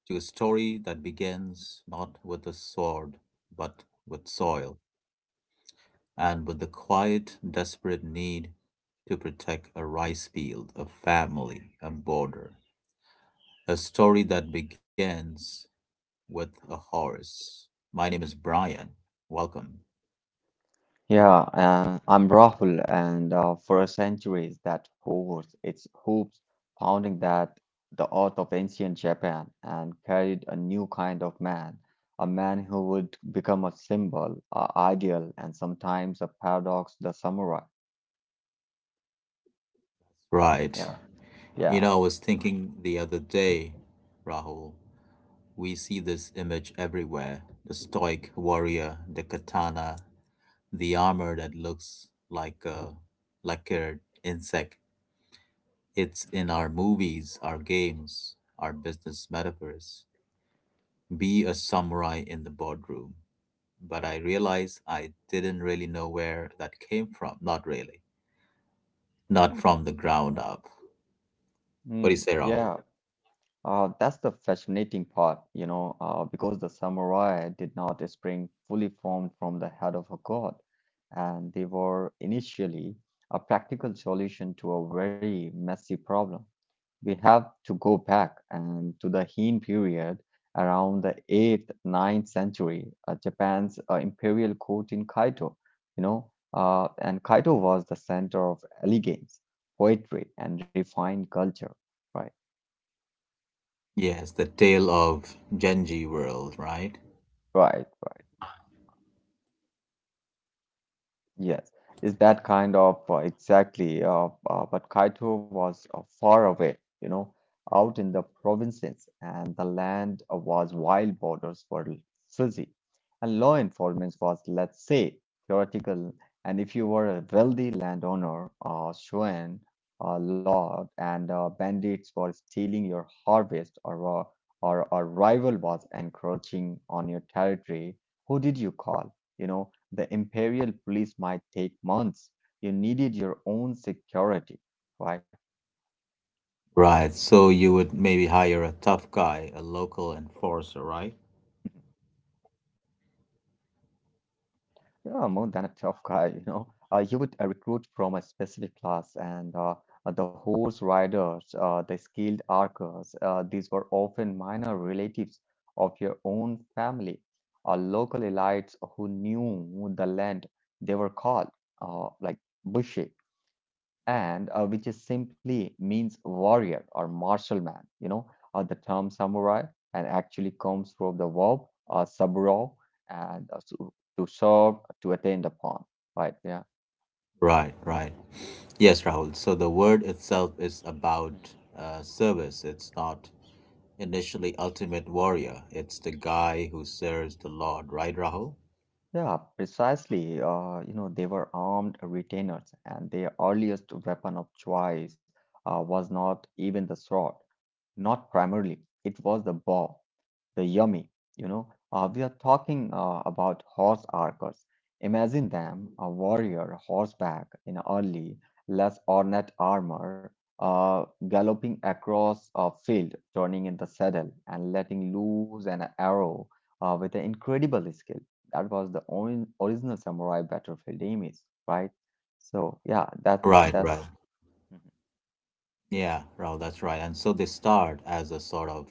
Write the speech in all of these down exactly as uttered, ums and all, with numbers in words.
to a story that begins not with a sword, but with soil, and with the quiet, desperate need to protect a rice field, a family, a border. A story that begins with a horse. My name is Brian. Welcome. Yeah, and I'm Rahul, and uh, for centuries that horse, its hooves, pounding that the earth of ancient Japan, and carried a new kind of man, a man who would become a symbol, a ideal, and sometimes a paradox, the samurai. Right. Yeah, yeah. You know, I was thinking the other day, Rahul, we see this image everywhere, the stoic warrior, the katana, the armor that looks like a like an insect. It's in our movies, our games, our business metaphors. Be a samurai in the boardroom. But I realized I didn't really know where that came from. Not really. Not from the ground up. Hmm. What do you say, Yeah. Rahul? Uh, that's the fascinating part, you know, uh, because the samurai did not spring fully formed from the head of a god, and they were initially a practical solution to a very messy problem. We have to go back and to the Heian period around the eighth, ninth century, uh, Japan's uh, imperial court in Kyoto, you know, uh, and Kyoto was the center of elegance, poetry, and refined culture, right? Yes, the tale of Genji world, right? Right. Right. Yes, is that kind of uh, exactly. Uh, uh, but Kaito was uh, far away, you know, out in the provinces, and the land uh, was wild, borders were fuzzy, and law enforcement was, let's say, theoretical. And if you were a wealthy landowner, uh, shogun, uh, lord, and uh, bandits were stealing your harvest, or uh, or a rival was encroaching on your territory, who did you call? You know? The imperial police might take months. You needed your own security. Why? Right. So you would maybe hire a tough guy, a Mhm. local enforcer, right? You're more than a tough guy, you know. Uh, you would uh, recruit from a specific class, and uh, uh, the horse riders, uh, the skilled archers, uh, these were often minor relatives of your own family, or local elites who knew the land. They were called uh, like bushi and uh, which is simply means warrior or martial man. You know, uh, the term samurai and actually comes from the verb uh, saburo and uh, to, to serve, to attend upon. Right? Yeah. Right, right. Yes, Rahul. So the word itself is about Hmm. uh, service. It's not initially ultimate warrior. It's the guy who serves the Lord, right, Rahul? Yeah, precisely. Uh, you know, they were armed retainers, and their earliest weapon of choice uh, was not even the sword, not primarily, it was the bow, the yummy, you know. Uh, we are talking uh, about horse archers. Imagine them, a warrior horseback in early, less ornate armor, uh, galloping across a field, turning in the saddle and letting loose an arrow uh, with an incredible skill. That was the orin original samurai battlefield image, right? So yeah, that's Right, right. that's. Hmm. Yeah, Rahul, that's right. And so they start as a sort of,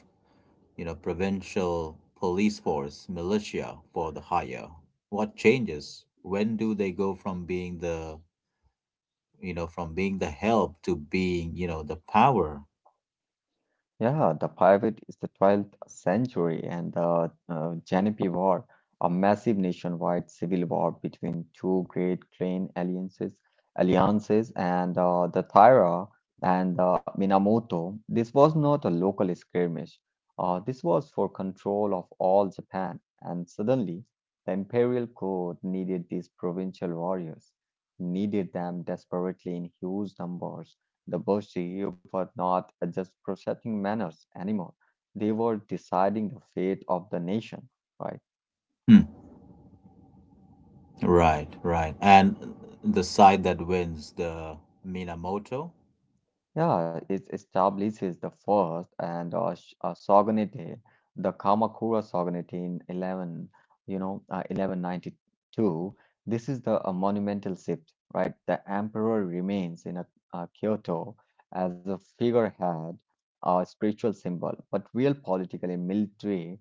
you know, provincial police force, militia for the hire. What changes? When do they go from being the, you know, from being the help to being, you know, the power? Yeah, the Pirate is the twelfth century and the uh, Lenape War, a massive nationwide civil war between two great clan alliances, alliances and uh, the Taira and the Minamoto. This was not a local skirmish. Uh, this was for control of all Japan, and suddenly the imperial court needed these provincial warriors, needed them desperately in huge numbers. The Boshi were not just protecting manners anymore, they were deciding the fate of the nation, right? Right, right. And the side that wins, the Minamoto. Yeah, it establishes the first and uh, sh- uh, Shogunate, the Kamakura Shogunate in eleven, you know, uh, eleven ninety-two. This is the a monumental shift, right? The emperor remains in a, uh, Kyoto as a figurehead, a spiritual symbol, but real political and military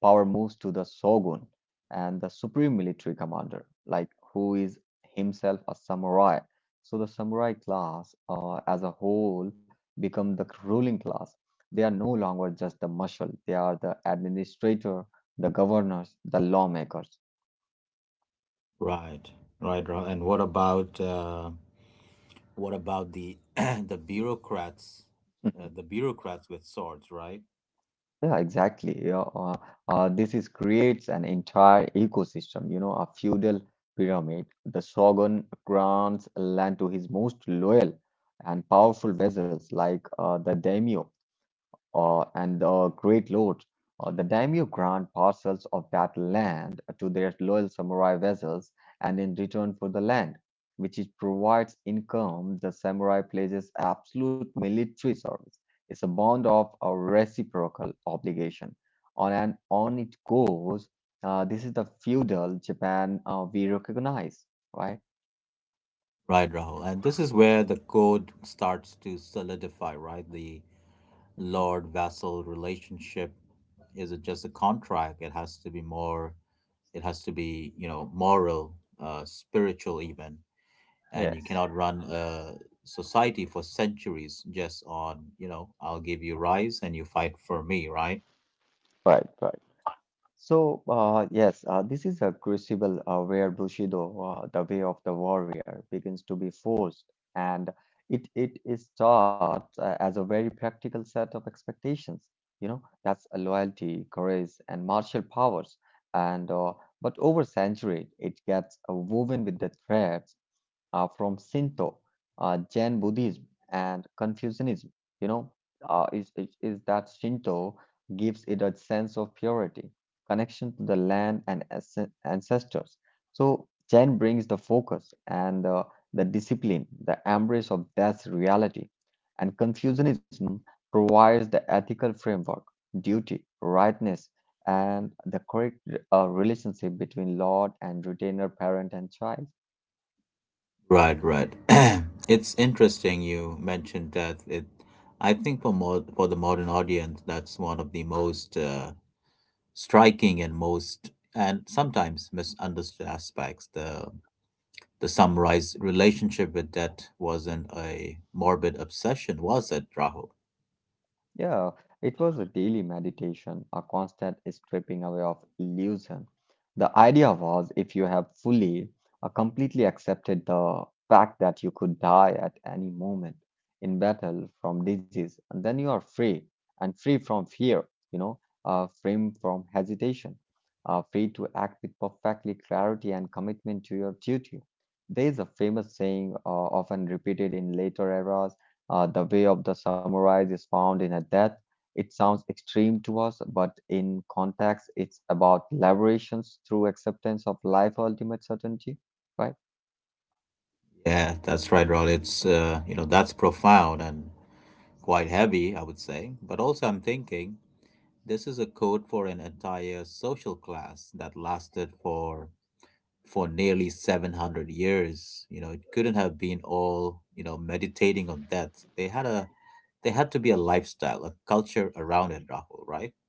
power moves to the shogun and the supreme military commander, like who is himself a samurai, so the samurai class uh, as a whole become the ruling class. They are no longer just the marshal, they are the administrator, the governors, the lawmakers. Right, right, right. And what about uh, what about the the bureaucrats, Mhm. uh, the bureaucrats with swords, right? Yeah, exactly. Yeah, uh, uh, this is creates an entire ecosystem, you know, a feudal pyramid. The shogun grants land to his most loyal and powerful vassals, like uh, the daimyo, uh, and the great lords, uh, the daimyo grant parcels of that land to their loyal samurai vassals, and in return for the land, which it provides income, the samurai places absolute military service. It's a bond of a reciprocal obligation. On and on it goes. Uh, this is the feudal Japan uh, we recognize, right? Right, Rahul. And this is where the code starts to solidify, right? The Mhm. lord vassal relationship is not just a contract. It has to be more. It has to be, you know, moral, uh, spiritual, even. And you Yes, cannot run a society for centuries just on, you know, I'll give you rice and you fight for me, right? right, right. So, uh, yes, uh, this is a crucible uh, where Bushido, uh, the way of the warrior, begins to be forced, and it it is taught uh, as a very practical set of expectations. You know, that's a loyalty, courage, and martial powers. And uh, but over century, it gets uh, woven with the threads uh, from Shinto, uh, Jain Buddhism, and Confucianism. You know, uh, is, is is that Shinto gives it a sense of purity, connection to the land and as- ancestors. So Jain brings the focus and uh, the discipline, the embrace of death's reality, and Confucianism provides the ethical framework, duty, rightness, and the correct uh, relationship between lord and retainer, parent and child. Right, right. It's interesting you mentioned that. It, I think for more for the modern audience, that's one of the most uh, striking and most and sometimes misunderstood aspects, the the summarized relationship with debt wasn't a morbid obsession, was it, Rahul? Yeah, it was a daily meditation, a constant stripping away of illusion. The idea was if you have fully, uh, completely accepted the fact that you could die at any moment in battle from disease, and then you are free and free from fear, you know, uh, free from hesitation, uh, free to act with perfectly clarity and commitment to your duty. There is a famous saying uh, often repeated in later eras. Uh, the way of the samurai is found in a death. It sounds extreme to us, but in context, it's about liberations through acceptance of life ultimate certainty, right? Yeah, that's right, Rahul. It's uh, you know, that's profound and quite heavy, I would say, but also I'm thinking this is a code for an entire social class that lasted for for nearly seven hundred years. You know, it couldn't have been all, you know, meditating on death. They had a they had to be a lifestyle, a culture around it, Rahul, right?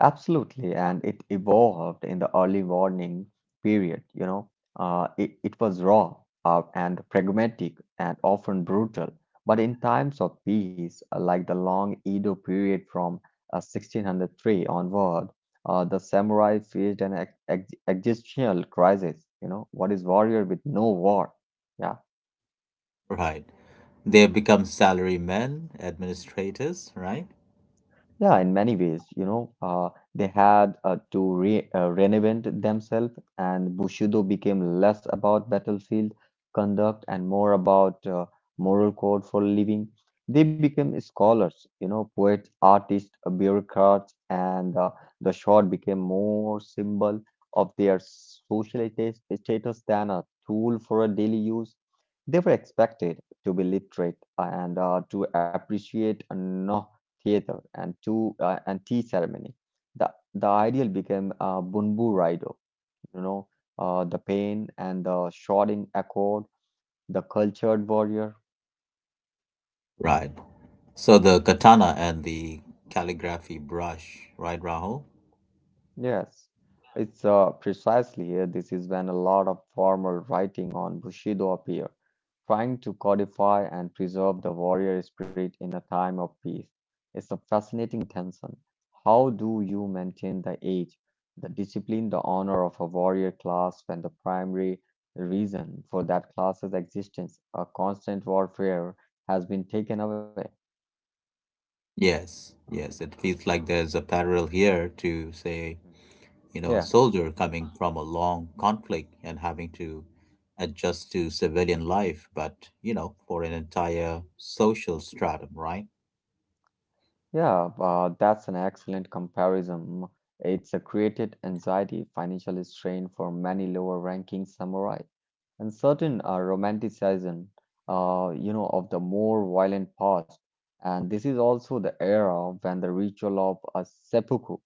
Absolutely, and it evolved in the early warning period, you know. Uh, it, it was raw uh, and pragmatic and often brutal. But in times of peace, uh, like the long Edo period from uh, sixteen hundred three onward, uh, the samurai faced an ex ex- existential crisis, you know. What is warrior with no war? Yeah. Right. They have become salary men, administrators, right? Yeah, in many ways, you know, uh, they had uh, to re uh, reinvent themselves, and Bushido became less about battlefield conduct and more about uh, moral code for living. They became scholars, you know, poets, artists, uh, bureaucrats, and uh, the sword became more symbol of their social sta- status than a tool for a daily use. They were expected to be literate and uh, to appreciate uh, no theater, and two uh, and tea ceremony. The the ideal became uh, Bunbu Raido, you know, uh, the pain and the shouting accord, the cultured warrior. Right. So the katana and the calligraphy brush, right, Rahul? Yes, it's uh, precisely here. This is when a lot of formal writing on Bushido appear, trying to codify and preserve the warrior spirit in a time of peace. It's a fascinating tension. How do you maintain the age, the discipline, the honor of a warrior class when the primary reason for that class's existence, a constant warfare, has been taken away? Yes, yes, it feels like there's a parallel here to, say, Mhm. you know, a Yeah. soldier coming from a long conflict and having to adjust to civilian life, but, you know, for an entire social stratum, right? Yeah, uh, that's an excellent comparison. It's a created anxiety, financial strain for many lower-ranking samurai, and certain uh, romanticism, uh, you know, of the more violent past. And this is also the era when the ritual of a seppuku,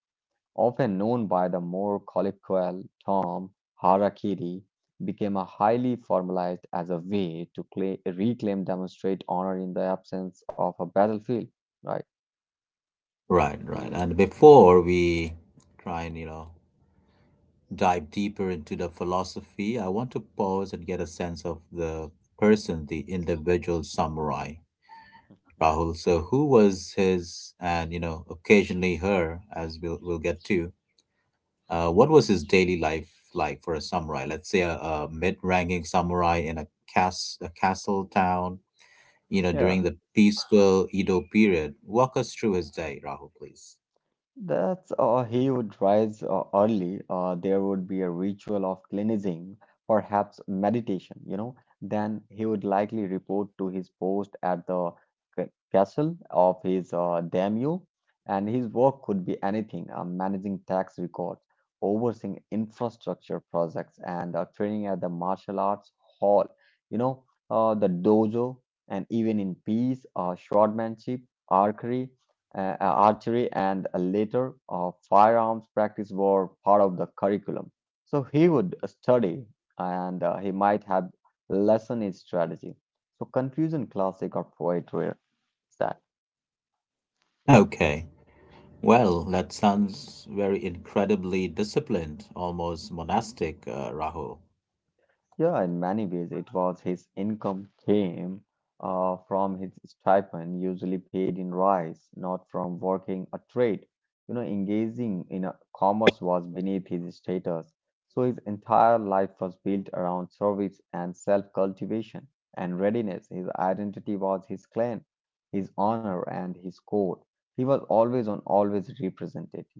often known by the more colloquial term harakiri, became a highly formalized as a way to cla reclaim, demonstrate honor in the absence of a battlefield, right? Right, right. And before we try and, you know, dive deeper into the philosophy, I want to pause and get a sense of the person, the individual samurai, Rahul. So who was his and, you know, occasionally her, as we'll we'll get to. Uh, what was his daily life like for a samurai? Let's say a, a mid-ranking samurai in a, cas- a castle town, you know, during Yeah, the peaceful Edo period. Walk us through his day, Rahul, please. that's uh, he would rise uh, early. Uh, there would be a ritual of cleansing, perhaps meditation, you know. Then he would likely report to his post at the ca- castle of his uh, daimyo, and his work could be anything uh, managing tax records, overseeing infrastructure projects, and uh, training at the martial arts hall, you know, uh, the dojo, and even in peace, uh, swordmanship, archery. uh, archery, and later uh, firearms practice were part of the curriculum. So he would study and uh, he might have lesson his strategy. So, confusion classic or poetry is that. Okay. Well, that sounds very incredibly disciplined, almost monastic, uh, Rahul. Yeah, in many ways, it was his income came uh, from his stipend, usually paid in rice, not from working a trade. You know, engaging in a commerce was beneath his status. So his entire life was built around service and self-cultivation and readiness. His identity was his clan, his honor, and his code. He was always on, always represented.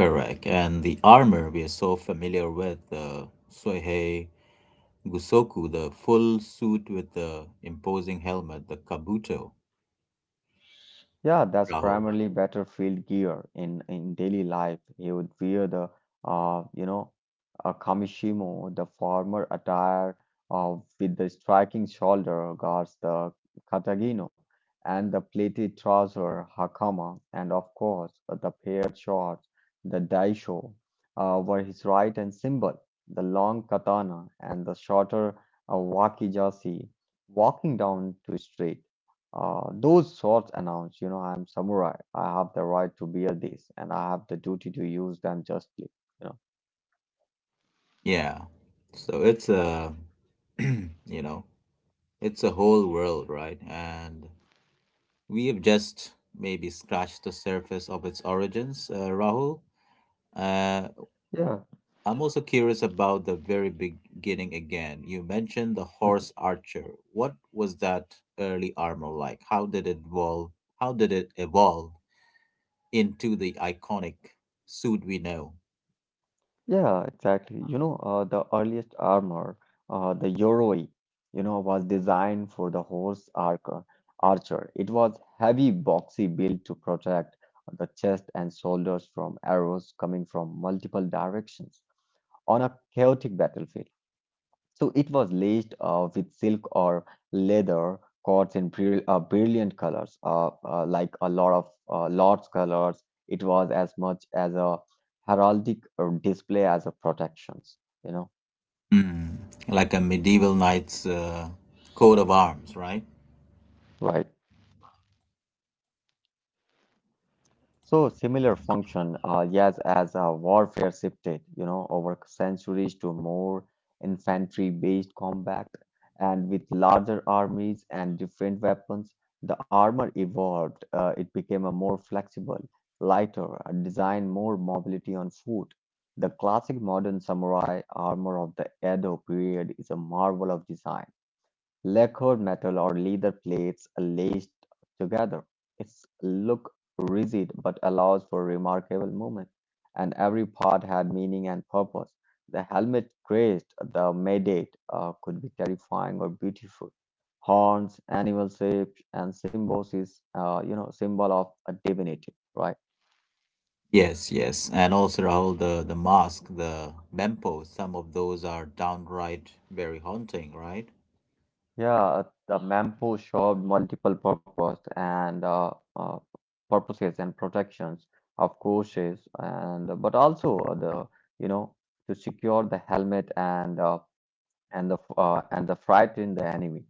Correct. And the armor we are so familiar with, the Suihei Gusoku, the full suit with the imposing helmet, the kabuto, Yeah, that's Rahul. primarily battlefield gear in in daily life. He would wear the uh you know a kamishimo, the former attire uh, with the striking shoulder guards, the katagino, and the pleated trouser hakama, and of course uh, the paired shorts, the daisho, uh, were his right and symbol, the long katana and the shorter uh, wakizashi, walking down to street. Uh, those swords announce, you know, I'm samurai. I have the right to bear these, and I have the duty to use them justly. You Yeah. So it's a, you know, it's a whole world, right? And we have just maybe scratched the surface of its origins, uh, Rahul. Uh, know. I'm also curious about the very beginning again. You mentioned the Yeah. horse archer. What was that early armor like? How did it evolve? How did it evolve into the iconic suit we know? Yeah, exactly. You know, uh, the earliest armor, uh, the yoroi, you know, was designed for the horse archer. Archer. It was heavy, boxy built to protect the chest and shoulders from arrows coming from multiple directions on a chaotic battlefield. So it was laced uh, with silk or leather cords in bril- uh, brilliant colors, uh, uh, like a lot of uh, lord's colors. It was as much as a heraldic uh, display as a protections, you know, Mm. Like a medieval knight's uh, coat of arms, right? right? So similar function, uh, yes, as uh, warfare shifted, you know, over centuries to more infantry-based combat, and with larger armies and different weapons, the armor evolved. Uh, it became a more flexible, lighter, and designed more mobility on foot. The classic modern samurai armor of the Edo period is a marvel of design. Lacquered metal or leather plates are laced together, its look rigid but allows for remarkable movement, and every part had meaning and purpose. The helmet graced the Mandate, uh, could be terrifying or beautiful. Horns, animal shapes, and symbiosis, uh, you know, symbol of a divinity, right? Yes, yes. And also, Rahul, the, the mask, the mempo, some of those are downright very haunting, right? Yeah, the Mampo served multiple purpose and uh, uh, purposes and protections of courses and but also uh, the you know to secure the helmet and uh, and the uh, and the frighten the enemy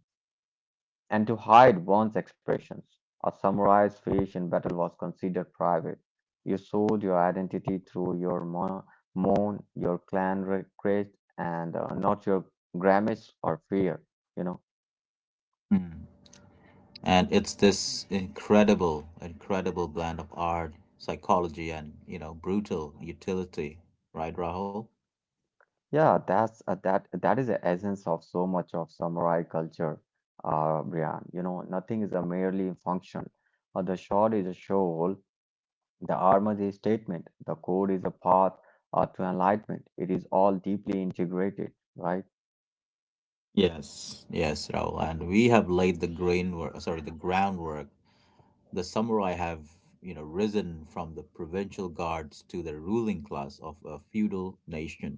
and to hide one's expressions. A samurai's face in battle was considered private. You showed your identity through your mo- moan, your clan re- crest, and uh, not your grimace or fear. You know. Mm. And it's this incredible, incredible blend of art, psychology, and, you know, brutal utility, right, Rahul? Yeah, that's uh, that that is the essence of so much of samurai culture, uh, Brian. You know, nothing is a merely functional. Uh, the sword is a shoal, the armor is a statement, the code is a path uh, to enlightenment. It is all deeply integrated, right? Yes. Yes, Rahul. And we have laid the grainwork, sorry, the groundwork. The samurai have, you know, risen from the provincial guards to the ruling class of a feudal nation.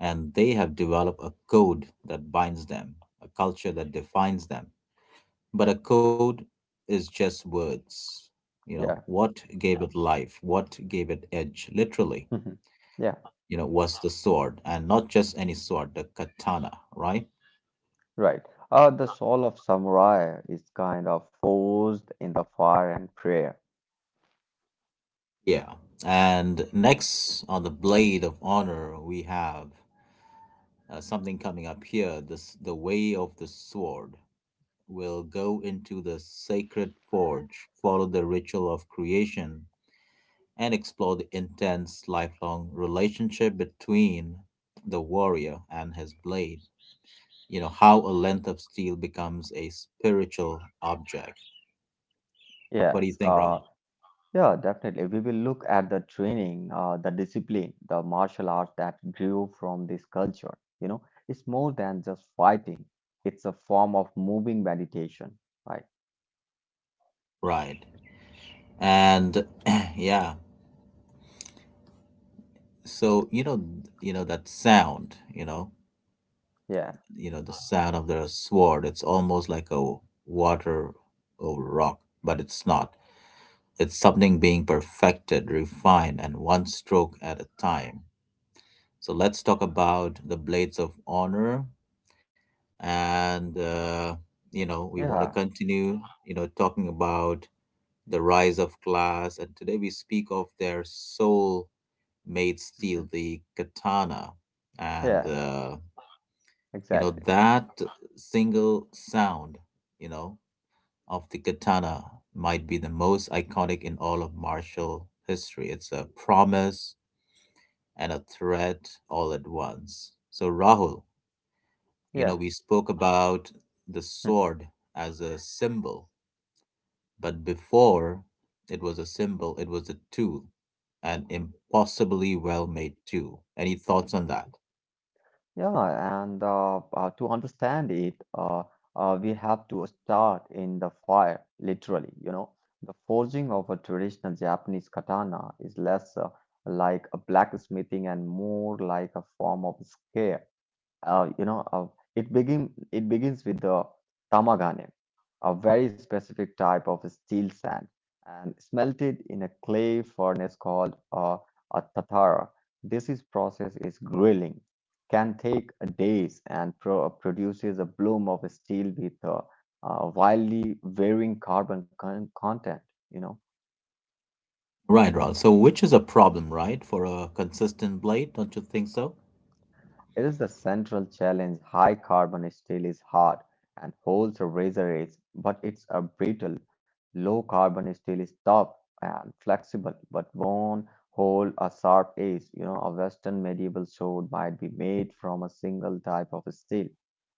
And they have developed a code that binds them, a culture that defines them. But a code is just words. You know, Yeah, what gave it life? What gave it edge? Literally, yeah, you know, was the sword, and not just any sword, the katana, right? right. Uh, the soul of samurai is kind of forged in the fire and prayer. Yeah. And next on the Blade of Honor, we have uh, something coming up here. This, the way of the sword, will go into the sacred forge, follow the ritual of creation, and explore the intense lifelong relationship between the warrior and his blade. You know, how a length of steel becomes a spiritual object. What do you Yes, think, Rob? uh, yeah, definitely. We will look at the training, uh, the discipline, the martial arts that grew from this culture. You know, it's more than just fighting, it's a form of moving meditation, right? Right. And yeah, so you know, you know that sound, you know, Yeah, you know the sound of the sword. It's almost like a water over rock, but it's not. It's something being perfected, refined, and one stroke at a time. So let's talk about the Blades of Honor. And, uh, you know, we want to yeah. continue, you know, talking about the rise of class. And today we speak of their soul made Mhm. steel, the katana. And, Yes, uh, you know, exactly. that single sound, you know, of the katana might be the most iconic in all of martial history. It's a promise and a threat all at once. So, Rahul, you know, Yeah. we spoke about the Hmm. sword as a symbol, but before it was a symbol, it was a tool, an impossibly well made tool. Any thoughts on that? Yeah, and uh, uh, to understand it, uh, uh, we have to start in the fire, literally. You know, the forging of a traditional Japanese katana is less uh, like a blacksmithing and more like a form of skill. uh, you know, uh, it begin it begins with the tamagane, a very specific type of steel sand, and smelted in a clay furnace called uh, a tatara. This is process is grilling, can take days, and pro- uh, produces a bloom of steel with a uh, wildly varying carbon con- content. You know. Right, Ron. So, which is a problem, right, for a consistent blade? Don't you think so? It is the central challenge. High carbon steel is hard and holds a razor edge, but it's a brittle. Low carbon steel is tough and flexible, but won't hold a sharp edge. You know, a Western medieval sword might be made from a single type of steel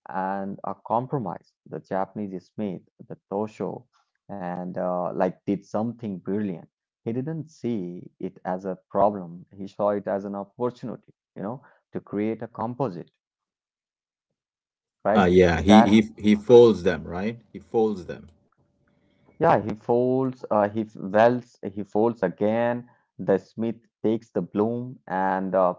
and a compromise. The Japanese smith, the Tosho, and uh, like did something brilliant. He didn't see it as a problem. He saw it as an opportunity. You know to create a composite, Ah, right? yeah. Is He he that, he folds them, right? He folds them. yeah, he folds, uh, he welds, he folds again, the smith takes the bloom, and uh,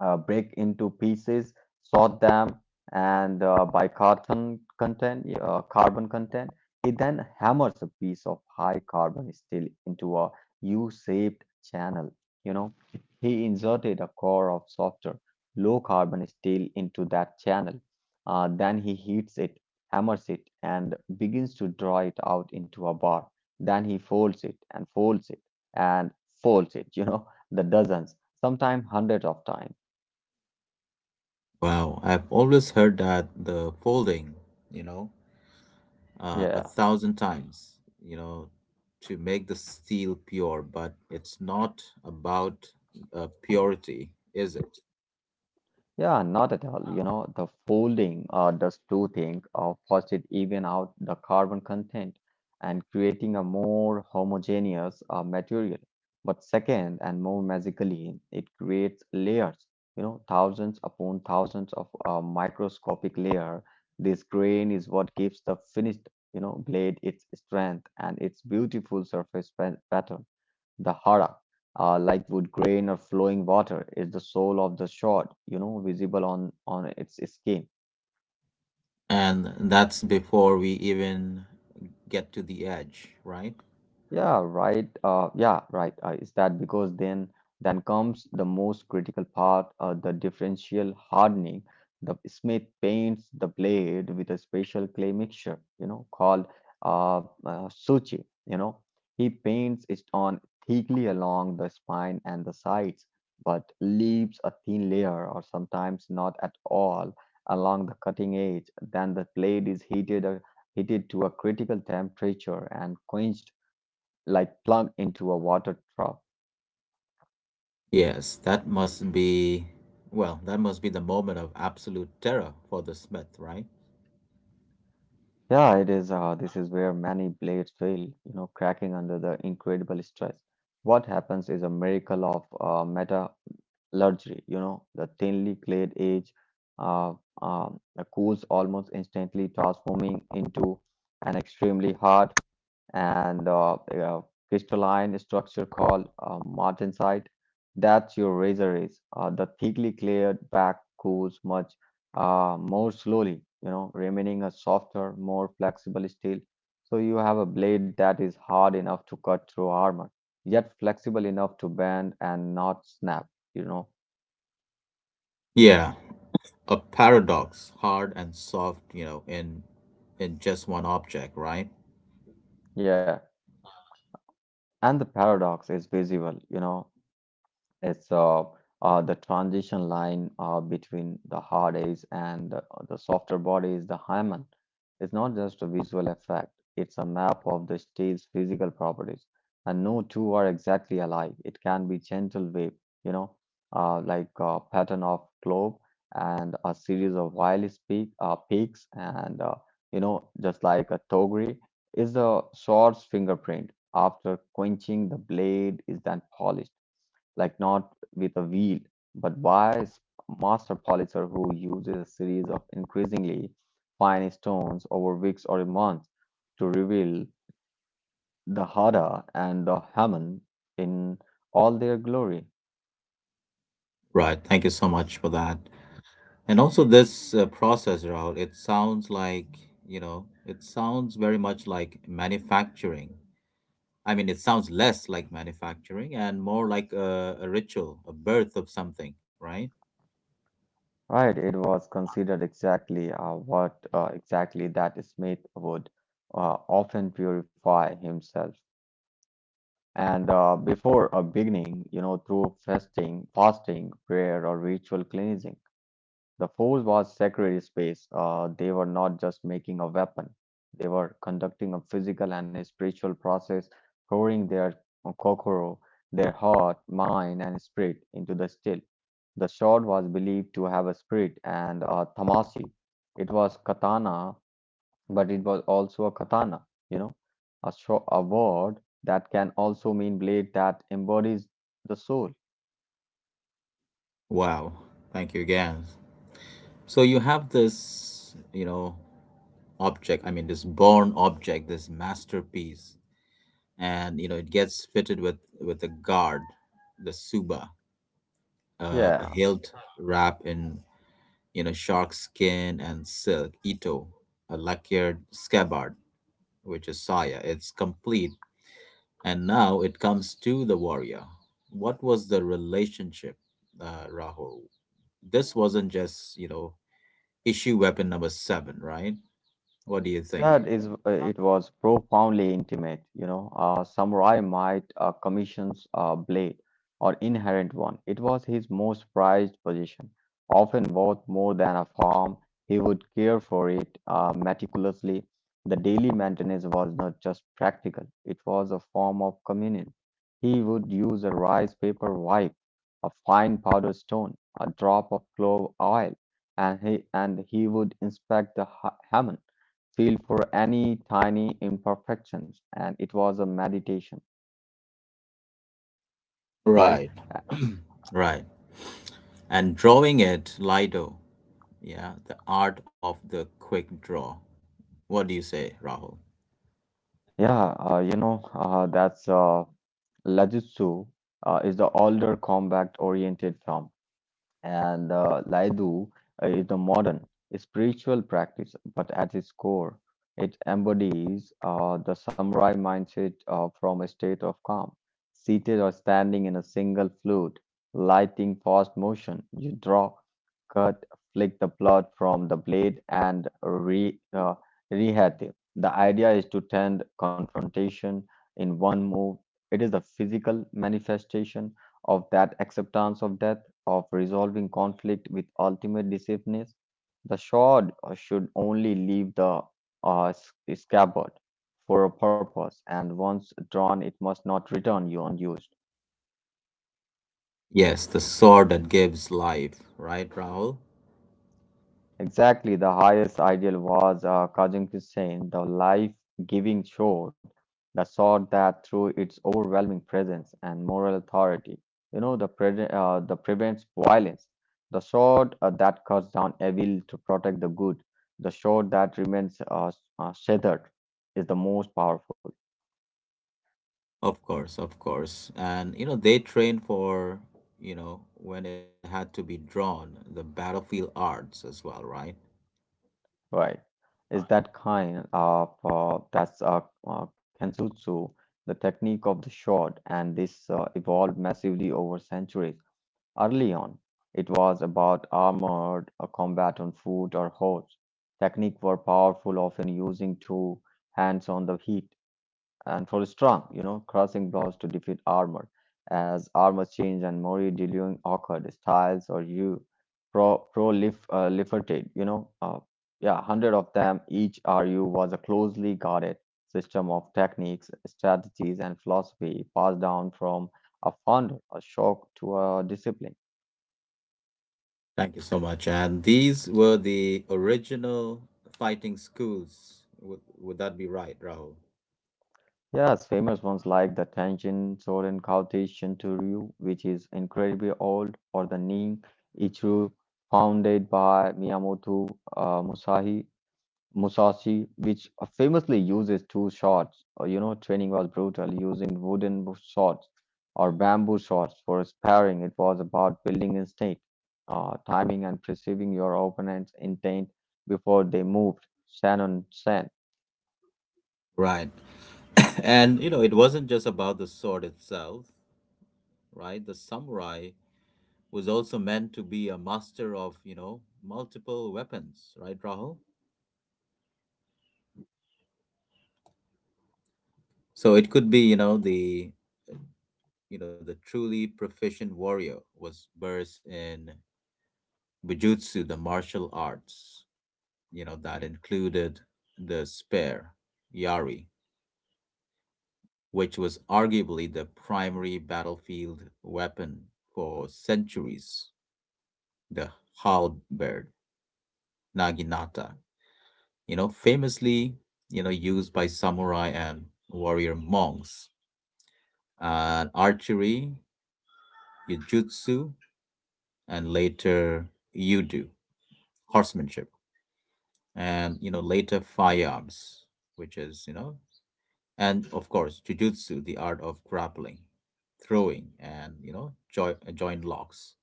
uh, break into pieces, sort them, and uh, by carbon content, uh, carbon content, he then hammers a piece of high carbon steel into a U-shaped channel. You know, he inserted a core of softer, low carbon steel into that channel. Uh, then he heats it, hammers it, and begins to draw it out into a bar. Then he folds it and folds it and folds it. You know, the dozens, sometimes hundreds of times. Wow, I've always heard that the folding, you know, uh, a Yeah, thousand times, you know, to make the steel pure, but it's not about uh, purity, is it? yeah, not at all. You know, the folding uh, does two things. Uh, first, it even out the carbon content and creating a more homogeneous uh, material. But second, and more magically, it creates layers. You know, thousands upon thousands of uh, microscopic layer. This grain is what gives the finished, you know, blade its strength and its beautiful surface pa- pattern. The hara, uh, like wood grain or flowing water, is the soul of the sword, you know, visible on on its skin. And that's before we even get to the edge, right? Yeah, right. Uh, yeah, right. Uh, is that because then then comes the most critical part, uh, the differential hardening. The Smith paints the blade with a special clay mixture, you know, called uh, uh, suchi. You know, he paints it on thickly along the spine and the sides, but leaves a thin layer, or sometimes not at all, along the cutting edge. Then the blade is heated, uh, heated to a critical temperature and quenched like plug into a water trough. Yes, that must be, well, that must be the moment of absolute terror for the smith, right? Yeah, it is. Uh, this is where many blades fail, you know, cracking under the incredible stress. What happens is a miracle of uh, metallurgy, you know, the thinly clad edge uh, um, cools almost instantly, transforming into an extremely hard and uh, uh, crystalline structure called uh, martensite. That's your razor is. Uh, the thickly cleared back cools much uh, more slowly, you know, remaining a softer, more flexible steel. So you have a blade that is hard enough to cut through armor, yet flexible enough to bend and not snap, you know. Yeah, a paradox, hard and soft, you know, in in just one object, right? Yeah. And the paradox is visible, you know, it's uh, uh, the transition line uh, between the hard edge and the, the softer body is the hymen. It's not just a visual effect, it's a map of the steel's physical properties. And no two are exactly alike. It can be gentle wave, you know, uh, like a pattern of globe and a series of wireless peak, uh, peaks, and, uh, you know, just like a togri is the sword's fingerprint. After quenching, the blade is then polished like not with a wheel, but wise master polisher who uses a series of increasingly fine stones over weeks or months to reveal the Hada and the Haman in all their glory. Right. Thank you so much for that. And also this uh, process route, it sounds like, you know, it sounds very much like manufacturing. I mean, it sounds less like manufacturing and more like a, a ritual, a birth of something, right? Right, it was considered exactly uh, what uh, exactly that Smith would uh, often purify himself. And uh, before a beginning, you know, through fasting, fasting, prayer, or ritual cleansing. The force was sacred space. Uh, they were not just making a weapon, they were conducting a physical and a spiritual process, pouring their kokoro, their heart, mind, and spirit into the still. The sword was believed to have a spirit and a tamasi. It was katana, but it was also a katana, you know, a, sho a word that can also mean blade that embodies the soul. Wow. Thank you again. So you have this, you know, object, I mean, this born object, this masterpiece, and, you know, it gets fitted with with a guard, the suba, uh, a Yeah, hilt wrap in, you know, shark skin and silk, ito, a lacquered scabbard, which is saya. It's complete. And now it comes to the warrior. What was the relationship, uh, Rahul? This wasn't just, you know, issue weapon number seven, right? What do you think? that is, uh, it was profoundly intimate. You know, a samurai might uh, commissions a blade or inherent one. It was his most prized possession, often worth more than a farm. He would care for it uh, meticulously. The daily maintenance was not just practical; it was a form of communion. He would use a rice paper wipe, a fine powder stone, a drop of clove oil, and he and he would inspect the ha- hammer, feel for any tiny imperfections, and it was a meditation, right? Right, Uh, right. And drawing it, Lido, yeah, the art of the quick draw. What do you say, Rahul? yeah. uh, you know uh, that's uh, Lajutsu uh, is the older combat oriented film. And uh, Laidu uh, is a modern spiritual practice, but at its core, it embodies uh, the samurai mindset uh, from a state of calm. Seated or standing in a single fluid, lighting fast motion, you draw, cut, flick the blood from the blade, and re, uh, rehate. The idea is to tend confrontation in one move. It is the physical manifestation of that acceptance of death, of resolving conflict with ultimate decisiveness. The sword uh, should only leave the uh, s- scabbard for a purpose, and once drawn, it must not return you unused. Yes, the sword that gives life, right, Rahul? Exactly, the highest ideal was uh, Kazim Hussein, the life-giving sword, the sword that through its overwhelming presence and moral authority, you know, the, pre uh, the prevents violence, the sword uh, that cuts down evil to protect the good, the sword that remains uh, uh, shattered is the most powerful, Of course, of course. And you know, they trained for, you know, when it had to be drawn, the battlefield arts as well, right? right? Is that kind of, uh, that's uh, uh, Kenjutsu, the technique of the sword, and this uh, evolved massively over centuries. Early on, it was about armored uh, combat on foot or horse. Technique were powerful, often using two hands on the heat, and for strong, you know, crossing blows to defeat armor. As armor changed and more dealing occurred, styles or you pro prolif- uh, proliferated, you know, uh, yeah, hundred of them. Each R U was a closely guarded system of techniques, strategies, and philosophy passed down from a founder, a shock to a discipline. Thank you so much. And these were the original fighting schools. Would would that be right, Rahul? Yes, famous ones like the Tenshin Soren Kaote Shintoryu, which is incredibly old, or the Nin Ichiryu, founded by Miyamoto uh, Musahi, Musashi, which famously uses two swords. Uh, you know, training was brutal, using wooden swords or bamboo swords for sparring. It was about building instinct, uh, timing, and perceiving your opponent's intent before they moved. Shannon Sen. Right. And you know, it wasn't just about the sword itself, right? The samurai was also meant to be a master of, you know, multiple weapons, right, Rahul? So it could be, you know, the, you know, the truly proficient warrior was versed in Bujutsu, the martial arts, you know, that included the spear, Yari, which was arguably the primary battlefield weapon for centuries. The halberd, Naginata, you know, famously, you know, used by samurai and warrior monks, and archery, Yujutsu, and later Yudu, horsemanship, and, you know, later firearms, which is, you know, and of course jujutsu, the art of grappling, throwing, and, you know, joint joint locks,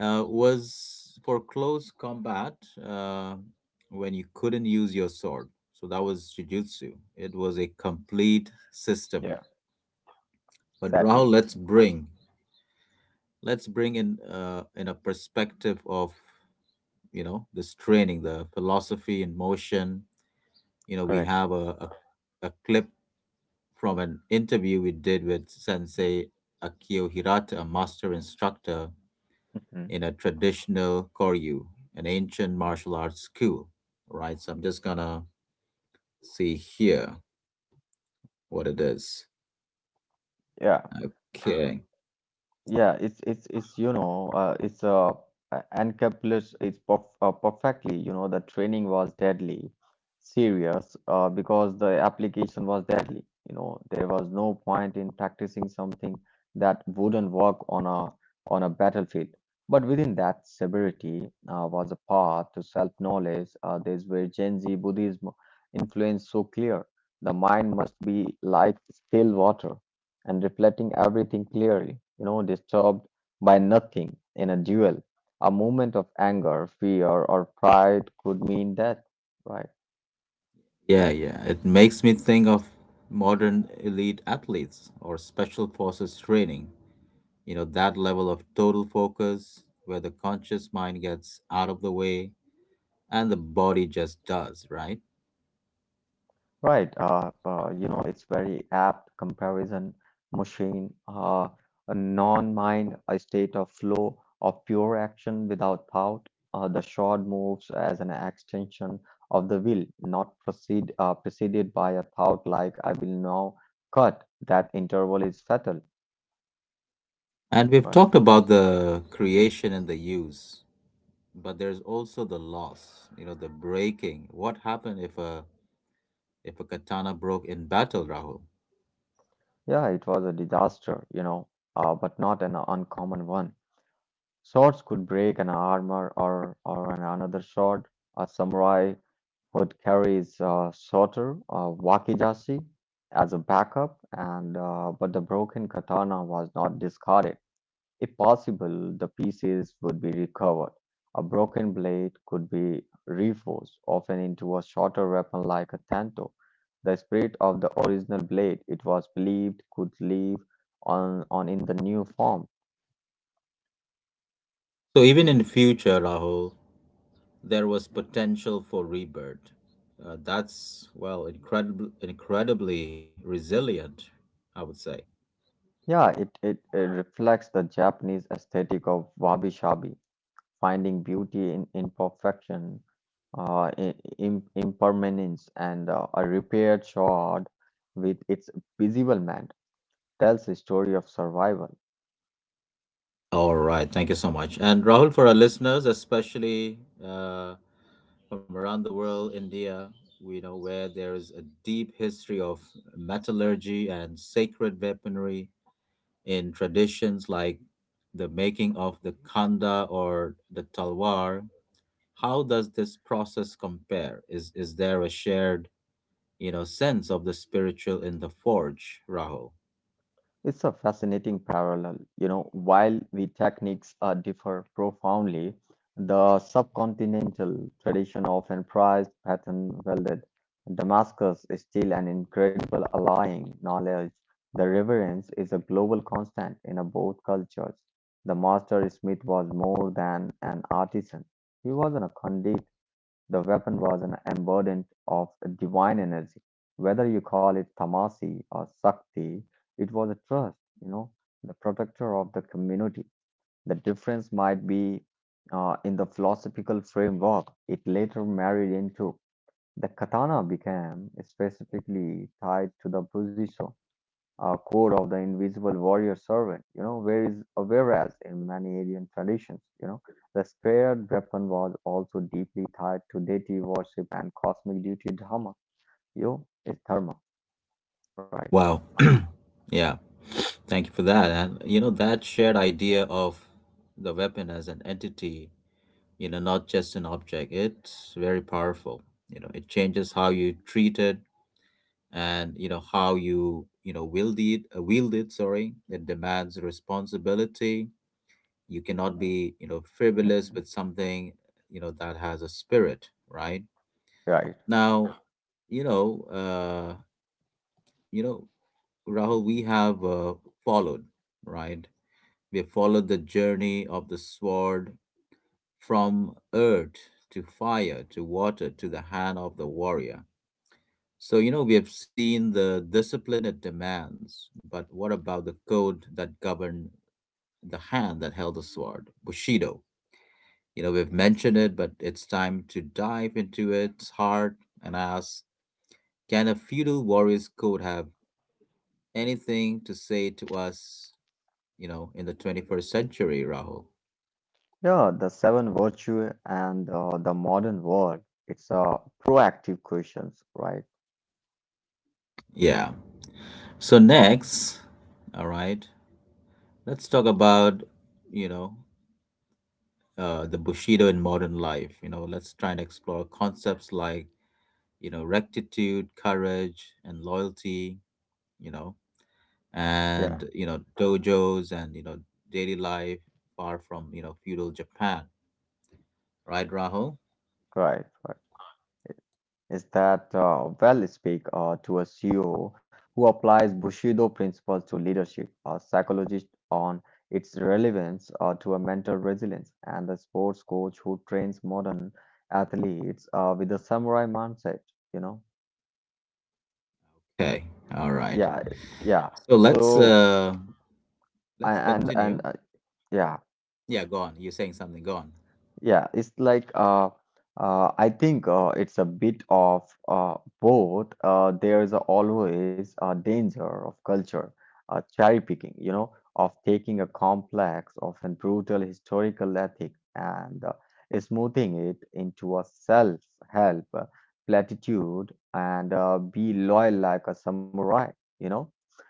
uh, was for close combat, uh, when you couldn't use your sword. So that was jujutsu. It was a complete system. Yeah. But Rahul, Sadly, let's bring let's bring in uh, in a perspective of, you know, this training, the philosophy in motion. You know, we correct. have a, a a clip from an interview we did with Sensei Akio Hirata, a master instructor Hmm. in a traditional Koryu, an ancient martial arts school. Right? So I'm just gonna see here what it is. Yeah, Okay. Yeah, it's it's it's you know uh, it's uh uh, encapsulates it's perf uh, perfectly. You know, the training was deadly serious uh, because the application was deadly. You know, there was no point in practicing something that wouldn't work on a on a battlefield, but within that severity uh, was a path to self-knowledge. Uh, there's where Gen Z Buddhism influence so clear, the mind must be like still water and reflecting everything clearly, you know, disturbed by nothing in a duel. A moment of anger, fear, or pride could mean death. Right, Yeah, yeah. It makes me think of modern elite athletes or special forces training. You know, that level of total focus where the conscious mind gets out of the way and the body just does, right? right. Uh, uh, you know, it's very apt comparison machine. Uh, a non-mind, a state of flow of pure action without thought. Uh, the short moves as an extension of the will, not proceed uh, preceded by a thought like "I will now cut." That interval is fatal. And we've Right. talked about the creation and the use, but there's also the loss, you know, the breaking. What happened if a if a katana broke in battle, Rahul? Yeah, it was a disaster, you know, uh, but not an uncommon one. Swords could break an armor or, or an, another sword. A samurai would carry his uh, shotter, uh, wakizashi as a backup, and uh, but the broken katana was not discarded. If possible, the pieces would be recovered. A broken blade could be reforged, often into a shorter weapon like a tanto. The spirit of the original blade, it was believed, could live on, on in the new form. So even in future, Rahul, there was potential for rebirth. Uh, that's well, incredible, incredibly resilient, I would say. Yeah, it, it, it reflects the Japanese aesthetic of wabi-sabi, finding beauty in imperfection, uh, I- im impermanence, and uh, a repaired sword with its visible man tells a story of survival. All right. Thank you so much. And Rahul, for our listeners, especially uh, from around the world, India, we know where there is a deep history of metallurgy and sacred weaponry in traditions like the making of the khanda or the talwar. How does this process compare? Is is there a shared, you know, sense of the spiritual in the forge, Rahul? It's a fascinating parallel. You know, while the techniques uh, differ profoundly, the subcontinental tradition often prized pattern welded. Damascus is still an incredible allying knowledge. The reverence is a global constant in uh, both cultures. The master smith was more than an artisan. He was an a conduit. The weapon was an embodiment of divine energy. Whether you call it tamasi or sakti, it was a trust, you know, the protector of the community. The difference might be uh, in the philosophical framework it later married into. The katana became specifically tied to the position uh, code of the invisible warrior servant, you know, where is uh, whereas in many Aryan traditions, you know, the scared weapon was also deeply tied to deity worship and cosmic duty dharma. Yo, it's dharma, right? Wow. Yeah, thank you for that. And you know, that shared idea of the weapon as an entity, you know, not just an object, it's very powerful. You know, it changes how you treat it and, you know, how you, you know, wield it, uh, wield it, sorry. It demands responsibility. You cannot be, you know, frivolous Mhm. with something, you know, that has a spirit, right? Right. Now, you know, uh, you know, Rahul, we Mhm. have uh, followed, right? We have followed the journey of the sword from earth to fire to water to the hand of the warrior. So, you know, we have seen the discipline it demands, but what about the code that governed the hand that held the sword? Bushido. You know, we've mentioned it, but it's time to dive into its heart and ask, can a feudal warrior's code have anything to say to us, you know, in the twenty-first century, Rahul? Yeah, the seven virtue and uh, the modern world. It's a uh, proactive questions, right? Yeah. So next, all right, let's talk about, you know, uh, the Bushido in modern life. You know, let's try and explore concepts like, you know, rectitude, courage, and loyalty, you know, Yeah, and, you know, dojos and, you know, daily life far from, you know, feudal Japan. Right, Rahul? right, right. is that uh, Well, speak uh, to a C E O who applies Bushido principles to leadership, a psychologist on its relevance uh, to a mental resilience, and a sports coach who trains modern athletes uh, with a samurai mindset. You know, Okay. All right. yeah, yeah. So let's So uh a- let's and and continue. uh, yeah. Yeah, go on. You're saying something. Go on. Yeah, it's like uh, uh, I think uh, it's a bit of uh, both. Uh, there's always a danger of culture uh, cherry picking, you know, of taking a complex, often brutal historical ethic and uh, smoothing it into a self-help uh, platitude and uh, be loyal like a samurai, you know.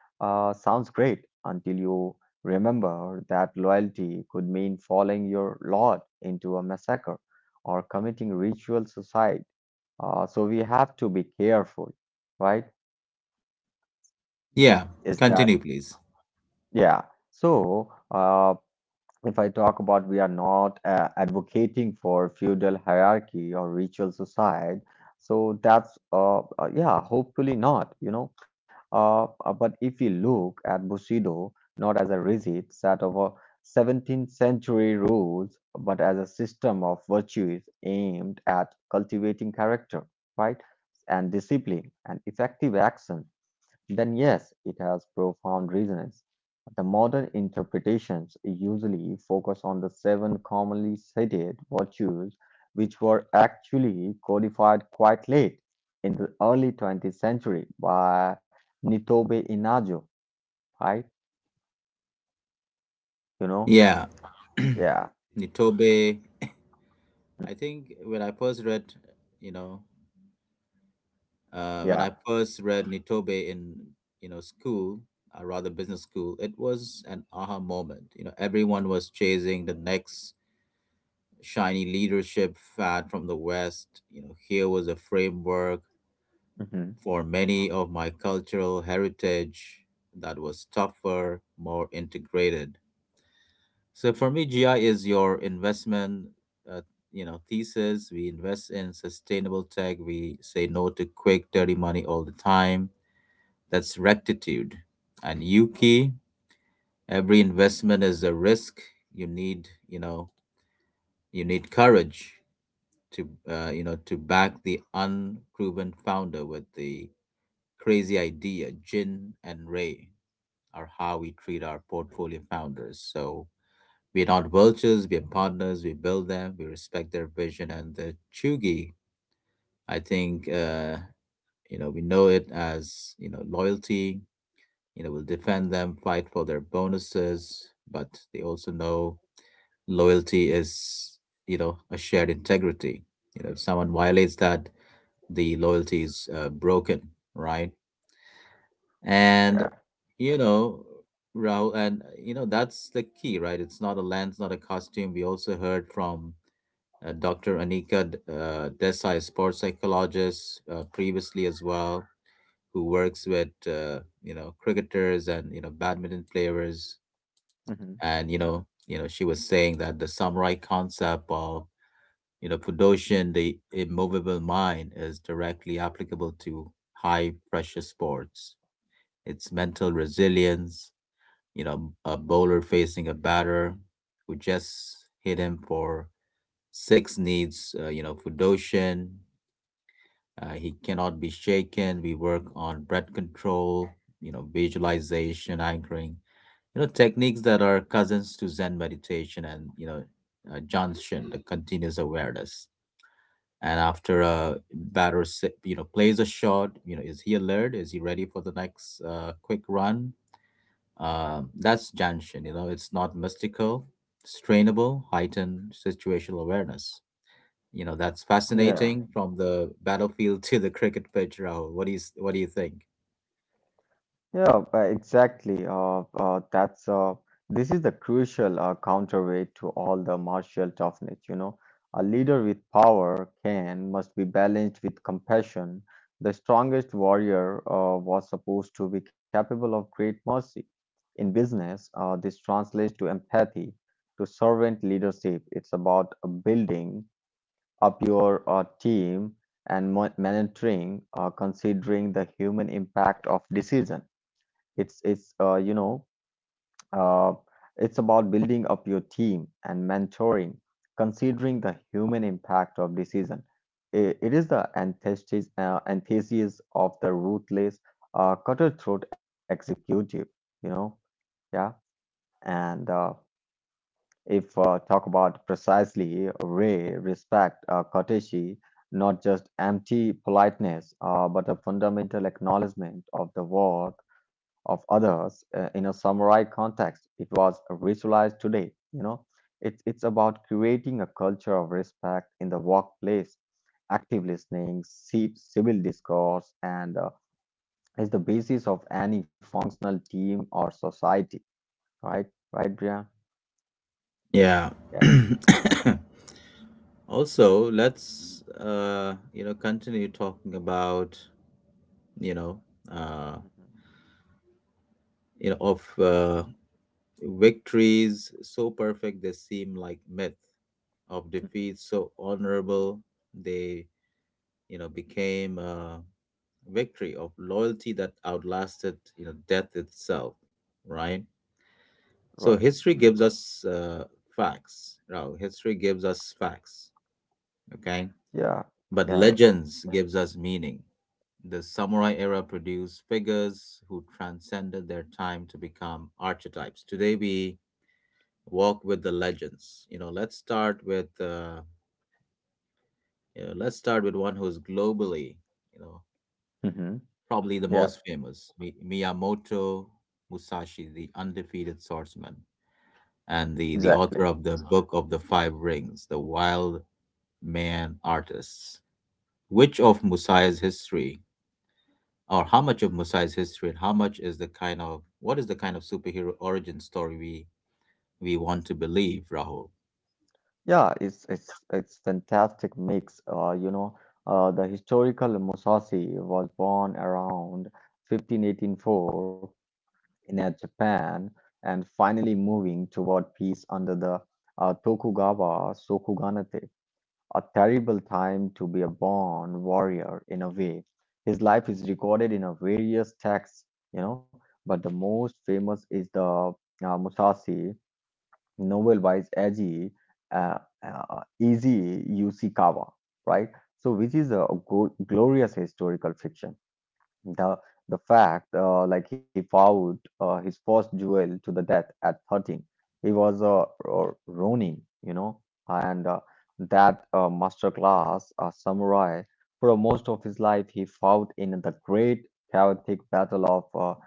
Uh, sounds great until you remember that loyalty could mean following your lord into a massacre or committing ritual suicide. Uh, so we have to be careful, right? Yeah, Is that, continue, please. yeah. So, uh, if I talk about, we are not uh, advocating for feudal hierarchy or ritual suicide, so that's uh, uh, yeah, hopefully not, you know. Uh, uh, but if we look at Bushido not as a rigid set of uh, seventeenth century rules, but as a system of virtues aimed at cultivating character, right, and discipline and effective action, then yes, it has profound resonance. The modern interpretations usually focus on the seven commonly cited virtues, which were actually codified quite late in the early twentieth century by Nitobe Inajo, right? You know? Yeah, Yeah, Nitobe. I think when I first read, you know, uh, when yeah, I first read Nitobe in, you know, school, or rather business school, it was an aha moment. You know, everyone was chasing the next shiny leadership fad from the West. You know, here was a framework hmm for many of my cultural heritage that was tougher, more integrated. So for me, G I is your investment, uh, you know, thesis. We invest in sustainable tech. We say no to quick, dirty money all the time. That's rectitude. And Yuki, every investment is a risk. You need, you know, you need courage to, uh, you know, to back the unproven founder with the crazy idea. Jin and Ray are how we treat our portfolio founders. So we're not vultures, we're partners, we build them, we respect their vision and the Chugi. I think, uh, you know, we know it as, you know, loyalty, you know, we'll defend them, fight for their bonuses, but they also know loyalty is, you know, a shared integrity. You know, if someone violates that, the loyalty is uh, broken, right? yeah, And, you know, Rahul, and, you know, that's the key, right? It's not a lens, not a costume. We also heard from uh, Doctor Anika uh, Desai, sports psychologist, uh, previously as well, who works with uh, you know, cricketers and you know badminton players, hmm and you know you know she was saying that the samurai concept of you know Fudoshin, the immovable mind, is directly applicable to high pressure sports. It's mental resilience. You know, a bowler facing a batter who just hit him for six needs, uh, you know, Fudoshin. Uh, he cannot be shaken. We work on breath control, you know, visualization, anchoring, you know, techniques that are cousins to Zen meditation and, you know, uh, Janshin, the continuous awareness. And after a batter, si- you know, plays a shot, you know, is he alert? Is he ready for the next uh, quick run? Um, that's Janshin, you know, it's not mystical, it's trainable, heightened situational awareness. You know, that's yeah. fascinating from the battlefield to the cricket pitch, Rahul. What do you s- what do you think? Yeah, uh, exactly. Uh, uh, that's uh, This is the crucial uh, counterweight to all the martial toughness. You know, a leader with power can must be balanced with compassion. The strongest warrior uh, was supposed to be capable of great mercy. In business, uh, this translates to empathy, to servant leadership. It's about uh, building up your uh, team and mo- monitoring uh, considering the human impact of decision. it's it's uh, you know uh, it's about building up your team and mentoring considering the human impact of decision. I- it is the antithesis uh, antithesis of the ruthless uh, cutthroat executive, you know. Yeah, and uh, if uh, talk about precisely way, respect, uh, courtesy, not just empty politeness, uh, but a fundamental acknowledgement of the worth of others. Uh, in a samurai context, it was visualized today. You know, it's it's about creating a culture of respect in the workplace, active listening, ci- civil discourse, and uh, is the basis of any functional team or society. Right, right, Brian? Yeah. Yeah. Also, let's uh, you know, continue talking about, you know, uh, Mhm. you know, of uh, victories so perfect they seem like myth, of Mhm. defeats so honorable they, you know, became a victory, of loyalty that outlasted, you know, death itself, right? Right. So history gives us uh, facts, Rao. History gives us facts, okay? Yeah. But Yeah. legends gives us meaning. The samurai era produced figures who transcended their time to become archetypes. Today we walk with the legends. You know, let's start with uh, you know, let's start with one who's globally, you know, hmm probably the Yeah, most famous, Mi- Miyamoto Musashi, the undefeated swordsman and the the exactly. author of the Book of the Five Rings, the wild man artists. Which of Musai's history, or how much of Musai's history, and how much is the kind of what is the kind of superhero origin story we we want to believe, Rahul? Yeah, it's it's it's fantastic mix. Uh, you know, uh, the historical Musashi was born around fifteen eighty-four in uh, Japan and finally moving toward peace under the uh, Tokugawa shogunate. A terrible time to be a born warrior in a way. His life is recorded in a various texts, you know, but the most famous is the uh, Musashi novel by Eiji uh, uh, Eiji Yoshikawa, right? So, which is a go- glorious historical fiction. the the fact, uh, like he fought uh, his first duel to the death at thirteen. He was a uh, Ronin, you know, and uh, that uh, master class, a samurai. For most of his life, he fought in the great chaotic battle of uh,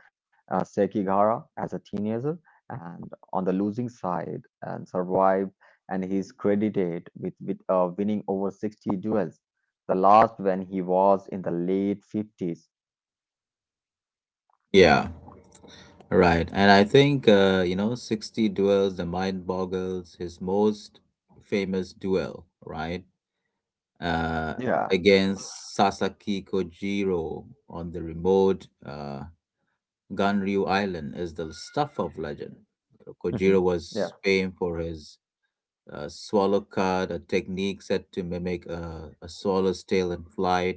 Sekigahara as a teenager, and on the losing side, and survived. And he's credited with, with uh, winning over sixty duels. The last when he was in the late fifties. Yeah, right. And I think uh, you know, sixty duels, the mind boggles. His most famous duel, right, uh, Yeah, against Sasaki Kojiro on the remote uh, Ganryu Island, is the stuff of legend. Mhm. Kojiro Yeah. was famed for his a swallow cut, a technique set to mimic a, a swallow's tail in flight.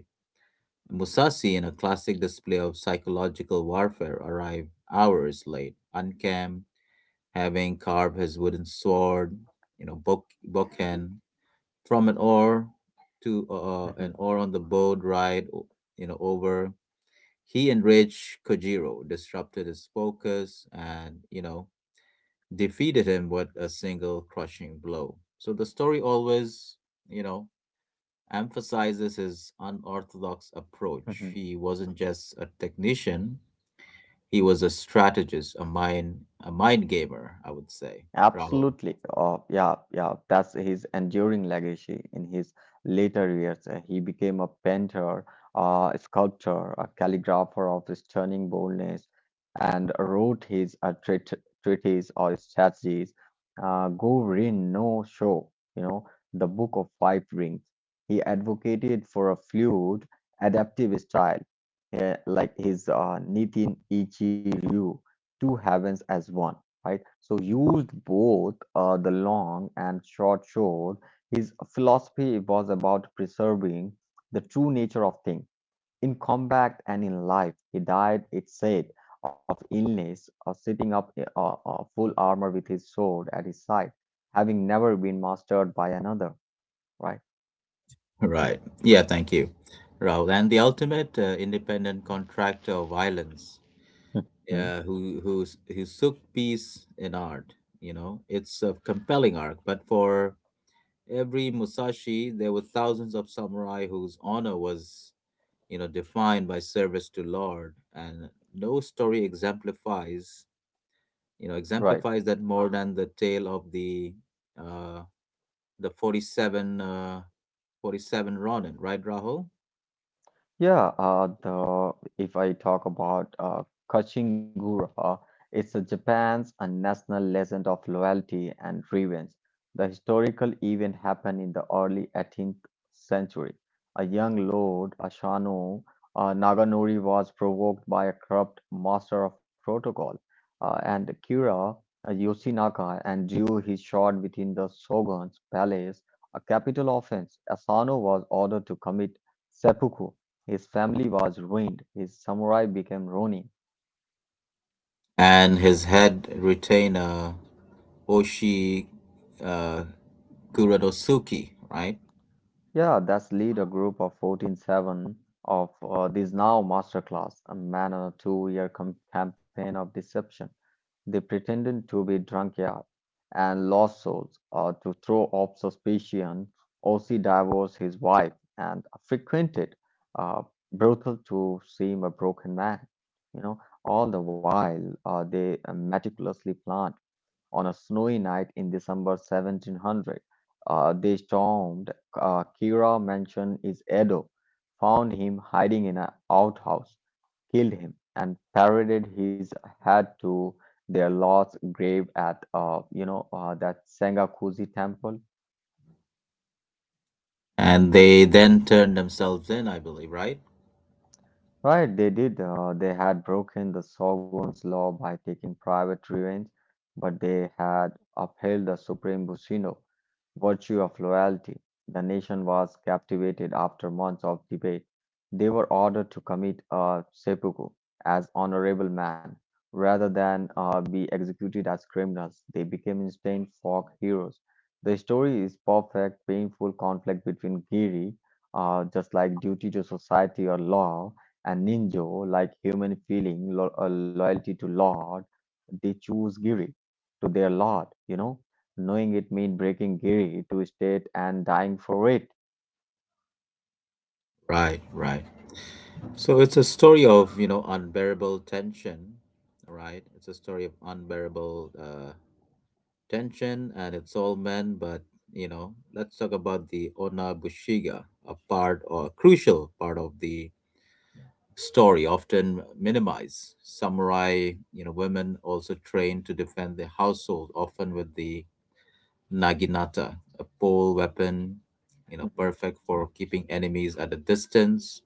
Musashi, in a classic display of psychological warfare, arrived hours late, unkempt, having carved his wooden sword, you know, book, bokeh, from an oar to uh, uh, Mhm. an oar on the boat ride, o- you know, over. He enraged Kojiro, disrupted his focus, and, you know, defeated him with a single crushing blow. So the story always, you know, emphasizes his unorthodox approach. Mhm. He wasn't just a technician, he was a strategist, a mind a mind gamer, I would say. Rahul. Absolutely. Uh, yeah, yeah. That's his enduring legacy in his later years. Uh, he became a painter, uh, a sculptor, a calligrapher of stunning boldness, and wrote his uh, treat treatise or strategies, uh, Go Rin no Show, you know, the Book of Five Rings. He advocated for a fluid, adaptive style uh, like his uh, Nitin Ichiryu, two heavens as one, right? So used both uh, the long and short shore. His philosophy was about preserving the true nature of things in combat and in life. He died, it said, of illness, of sitting up uh, uh, full armor with his sword at his side, having never been mastered by another, right? Right. Yeah, thank you, Rahul. And the ultimate uh, independent contractor of violence, Mhm. uh, who who's who took peace in art. You know, it's a compelling arc, but for every Musashi, there were thousands of samurai whose honor was, you know, defined by service to Lord, and no story exemplifies, you know, Right. exemplifies that more than the tale of the uh, the forty-seven, uh, forty-seven Ronin, right, Rahul? Yeah, uh, the if I talk about uh, Kachingura, it's a Japan's a national legend of loyalty and revenge. The historical event happened in the early eighteenth century. A young lord, Ashano uh, Naganori, was provoked by a corrupt master of protocol, uh, and Kira uh, Yoshinaka and drew his sword within the shogun's palace, a capital offense. Asano was ordered to commit seppuku. His family was ruined, his samurai became ronin. And his head retainer Oshi uh, Kuronosuke, right? Yeah, that's lead a group of fourteen-seven of uh, this now masterclass, a man on a two-year com- campaign of deception. They pretended to be drunkard and lost souls uh, to throw off suspicion. Osi divorced his wife and frequented uh, brothel to seem a broken man. You know, all the while uh, they uh, meticulously planned. On a snowy night in December seventeen hundred, uh, they stormed uh, Kira Mansion is Edo, found him hiding in an outhouse, killed him, and paraded his head to their lord's grave at uh, you know uh, that Sengakuji temple. And they then turned themselves in, I believe, right? Right, they did. Uh, they had broken the Shogun's law by taking private revenge, but they had upheld the supreme Bushido virtue of loyalty. The nation was captivated after months of debate. They were ordered to commit a seppuku as honorable men rather than uh, be executed as criminals. They became instant folk heroes. The story is perfect, painful conflict between Giri, uh, just like duty to society or law, and ninjo, like human feeling lo uh, loyalty to Lord, they choose Giri to their Lord, you know, knowing it means breaking Giri to state and dying for it. Right, right. So it's a story of, you know, unbearable tension, right? It's a story of unbearable uh, tension, and it's all men. But you know, let's talk about the onabushiga, a part or a crucial part of the story, often minimized. Samurai, you know, women also trained to defend the household, often with the naginata, a pole weapon, you know, perfect for keeping enemies at a distance.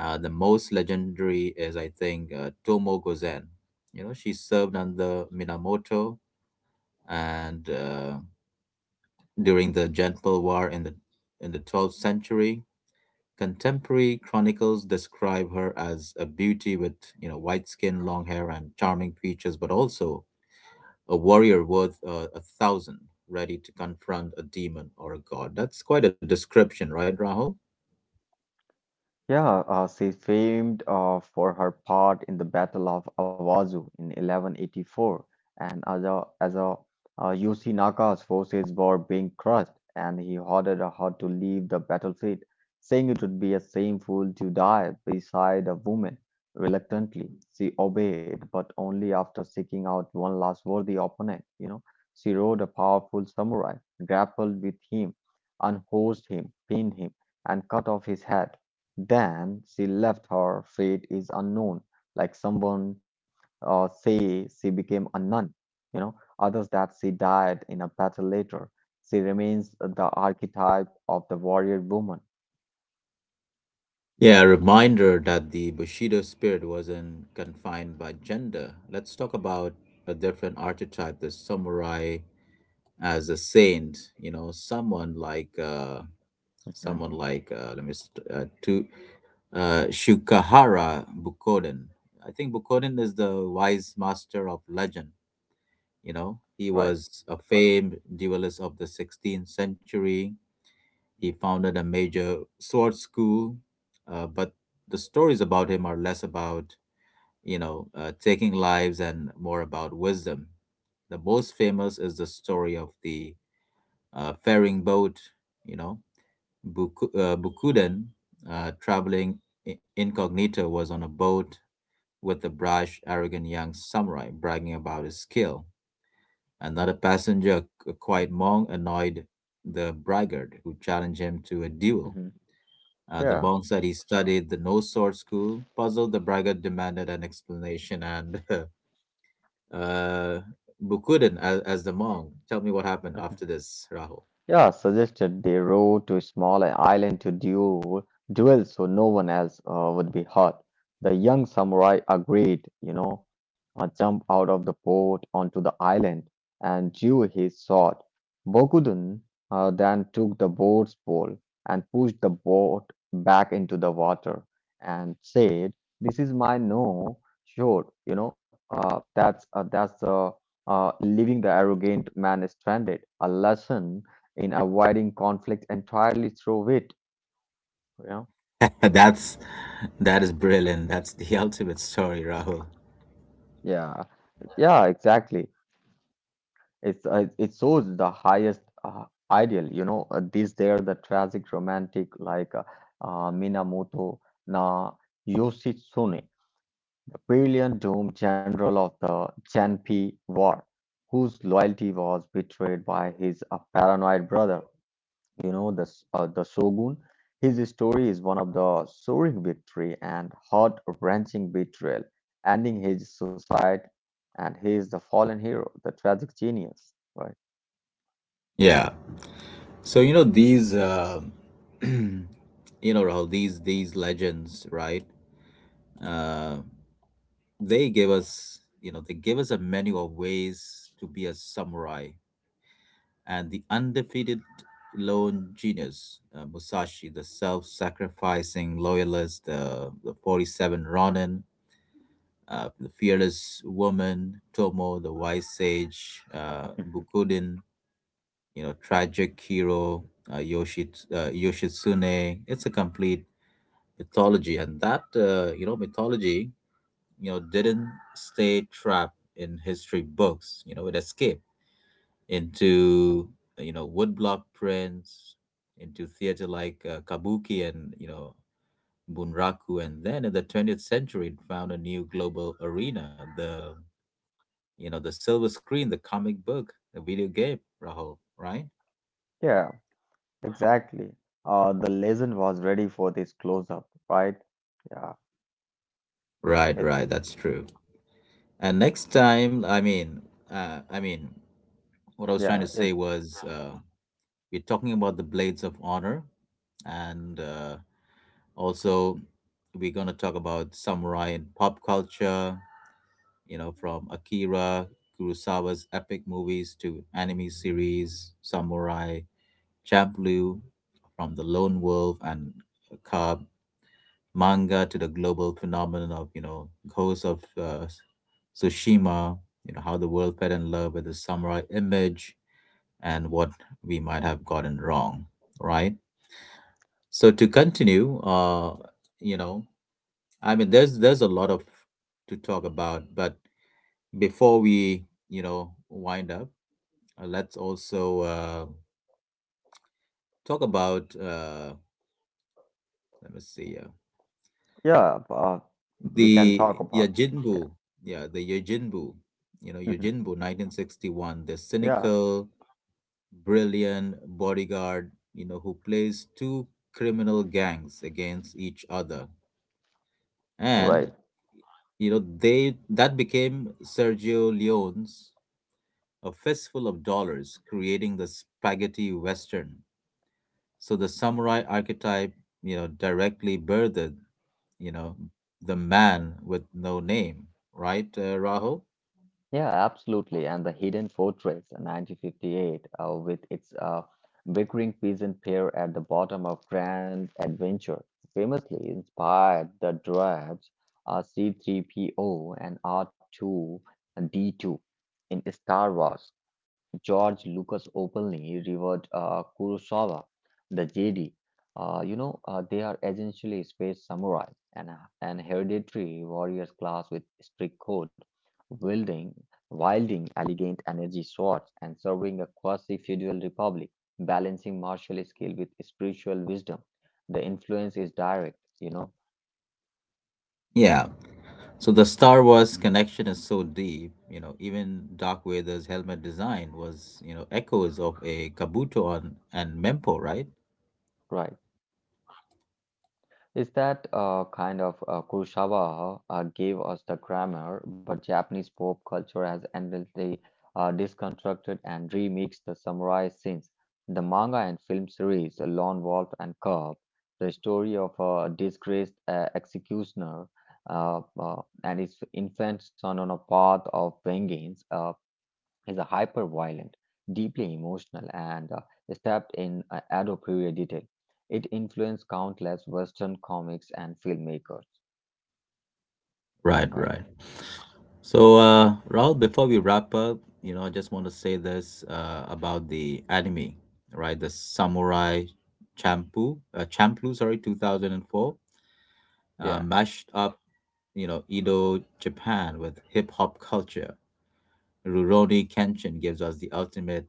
uh, The most legendary is, I think, uh, Tomo Gozen. You know, she served under Minamoto and uh, during the Genpei War in the in the twelfth century. Contemporary chronicles describe her as a beauty with you know white skin, long hair, and charming features, but also a warrior worth uh, a thousand, ready to confront a demon or a god. That's quite a description, right, Rahul? Yeah, uh, she's famed uh, for her part in the Battle of Awazu in eleven eighty-four, and as a, as a uh, Yoshinaka's forces were being crushed, and he ordered her to leave the battlefield, saying it would be a shameful to die beside a woman. Reluctantly, she obeyed, but only after seeking out one last worthy opponent. You know, she rode a powerful samurai, grappled with him, unhorsed him, pinned him, and cut off his head. Then she left; her fate is unknown. Like someone uh, say she became a nun, you know, others that she died in a battle later. She remains the archetype of the warrior woman. Yeah, a reminder that the Bushido spirit wasn't confined by gender. Let's talk about a different archetype, the samurai as a saint. You know, someone like uh, Mhm. someone like uh, let me st- uh, to uh, Shukahara Bukoden. I think Bukoden is the wise master of legend. You know, he Right. was a famed duelist of the sixteenth century. He founded a major sword school, uh, but the stories about him are less about, you know, uh, taking lives and more about wisdom. The most famous is the story of the uh, faring boat, you know. Buku, uh, Bukuden, uh, traveling i- incognito, was on a boat with a brash, arrogant young samurai bragging about his skill. Another passenger, a quiet monk, annoyed the braggart who challenged him to a hmm duel. Uh, the Yeah. monks that he studied, the no sword school, puzzled the braggart demanded an explanation, and uh, Bukuden as, as the monk. Tell me what happened after this, Rahul. Yeah, suggested they row to a small island to duel, duel so no one else uh, would be hurt. The young samurai agreed, you know, uh, jumped out of the boat onto the island and drew his sword. Bokudun uh, then took the boat's pole and pushed the boat back into the water and said, "This is my no shore, you know, uh, that's uh, that's the uh, leaving the arrogant man stranded. A lesson" in avoiding conflict entirely through wit. You know? That's that is brilliant. That's the ultimate story, Rahul. Yeah, yeah, exactly. It's uh, it shows the highest uh, ideal. You know, uh, these there the tragic romantic like uh, uh, Minamoto na Yoshitsune, brilliant doomed general of the Janpei War, whose loyalty was betrayed by his uh, paranoid brother. You know, the, s- uh, the shogun, his story is one of the soaring victory and heart-wrenching betrayal, ending his society, and he is the fallen hero, the tragic genius, right? Yeah. So you know these, uh, you know Rahul, these these legends, right? Uh, they give us, you know, they give us a menu of ways to be a samurai and the undefeated lone genius, uh, Musashi, the self sacrificing loyalist, uh, the forty-seven Ronin, uh, the fearless woman, Tomo, the wise sage, uh, Mhm. Bukudin, you know, tragic hero, uh, Yoshi, uh, Yoshitsune. It's a complete mythology, and that, uh, you know, mythology, you know, didn't stay trapped in history books, you know, it escaped into you know woodblock prints, into theater like uh, kabuki and you know bunraku, and then in the twentieth century it found a new global arena. The you know the silver screen, the comic book, the video game, Rahul, right? Yeah, exactly. Uh, the legend was ready for this close-up, right? Yeah, Right, it's right. That's true. And next time, I mean, uh, I mean, what I was yeah, trying to it's say was uh, we're talking about the blades of honor, and uh, also we're gonna talk about samurai and pop culture, you know, from Akira Kurosawa's epic movies to anime series, Samurai Champloo, from the Lone Wolf and Cub manga to the global phenomenon of, you know, Ghost of uh, Tsushima, you know, how the world fell in love with the samurai image and what we might have gotten wrong, right? So to continue, uh, you know, I mean, there's there's a lot of to talk about, but before we you know wind up, uh, let's also uh, talk about uh, let me see uh, yeah. Uh, we can talk the about yajinbu yeah, yeah the Yojinbu, you know, Mhm. Yojinbu, nineteen sixty-one, the yeah, cynical brilliant bodyguard, you know, who plays two criminal gangs against each other, and right. you know they that became Sergio Leone's A Fistful of Dollars, creating the spaghetti western. So the samurai archetype, you know, directly birthed, you know, the man with no name, right, uh, Rahul? Yeah, absolutely. And the Hidden Fortress, uh, nineteen fifty-eight, uh, with its uh, bickering peasant pair at the bottom of Grand Adventure, famously inspired the droids uh, C3PO and R two D two in Star Wars. George Lucas openly revered uh, Kurosawa, the Jedi. Uh, you know, uh, they are essentially space samurai and an hereditary warriors class with strict code, wielding, wielding elegant energy swords and serving a quasi-feudal republic, balancing martial skill with spiritual wisdom. The influence is direct, you know, Yeah. So the Star Wars connection is so deep, you know, even Dark Vader's helmet design was, you know, echoes of a Kabuto on, and Mempo, right? right? is that uh, kind of uh, Kurosawa uh, gave us the grammar, but Japanese pop culture has endlessly uh, deconstructed and remixed the samurai scenes. The manga and film series, uh, Lone Wolf and Cub, the story of a disgraced uh, executioner uh, uh, and his infant son on a path of vengeance, uh, is a hyper violent, deeply emotional, and uh, steeped in uh, adoprevia detail. It influenced countless Western comics and filmmakers, Right, right? right. So, uh, Rahul, before we wrap up, you know, I just want to say this uh, about the anime, right? The Samurai Champloo, uh, Champloo, sorry, two thousand four, uh, Yeah. mashed up, you know, Edo Japan with hip hop culture. Rurouni Kenshin gives us the ultimate,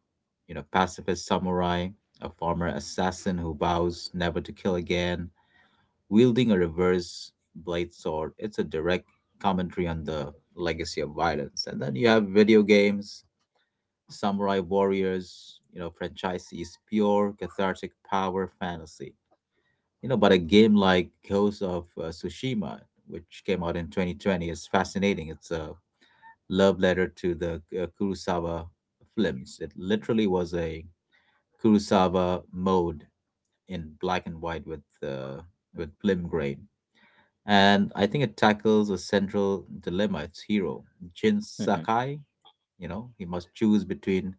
you know, pacifist samurai, a former assassin who vows never to kill again, wielding a reverse blade sword. It's a direct commentary on the legacy of violence. And then you have video games, samurai warriors, you know, franchisees, pure cathartic power fantasy, you know, but a game like Ghost of uh, Tsushima, which came out in twenty twenty, is fascinating. It's a love letter to the uh, Kurosawa films. It literally was a Kurosawa mode in black and white with uh, with film grain. And I think it tackles a central dilemma. Its hero, Jin hmm Sakai, you know, he must choose between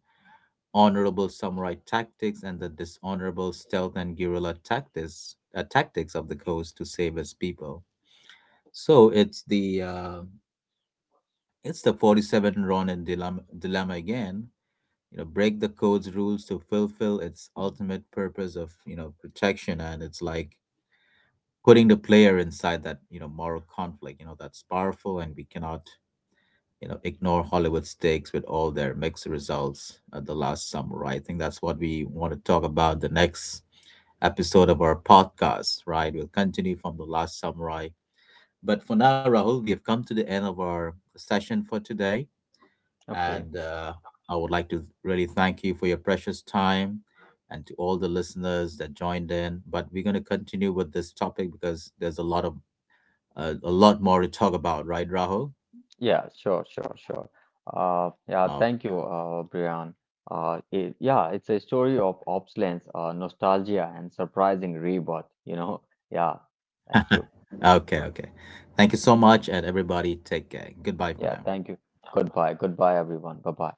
honorable samurai tactics and the dishonorable stealth and guerrilla tactics uh, tactics of the coast to save his people. So it's the uh, it's the forty-seven Ronin dilemma, dilemma again. You know, break the code's rules to fulfill its ultimate purpose of you know protection, and it's like putting the player inside that you know moral conflict. You know that's powerful, and we cannot you know ignore Hollywood stakes with all their mixed results at the last summer. I think that's what we want to talk about the next episode of our podcast, right? We'll continue from the last samurai. But for now, Rahul, we have come to the end of our session for today. Okay. And uh, I would like to really thank you for your precious time and to all the listeners that joined in. But we're going to continue with this topic because there's a lot of uh, a lot more to talk about, right, Rahul? Yeah, sure, sure, sure. Uh, yeah, Oh, thank you, uh, Brian. Uh, it, yeah, it's a story of obsolescence, uh, nostalgia, and surprising rebirth, you know? Yeah, thank you. okay, okay. Thank you so much, and everybody, take care. Goodbye for Yeah, now. thank you. Goodbye. Goodbye, everyone. Bye bye.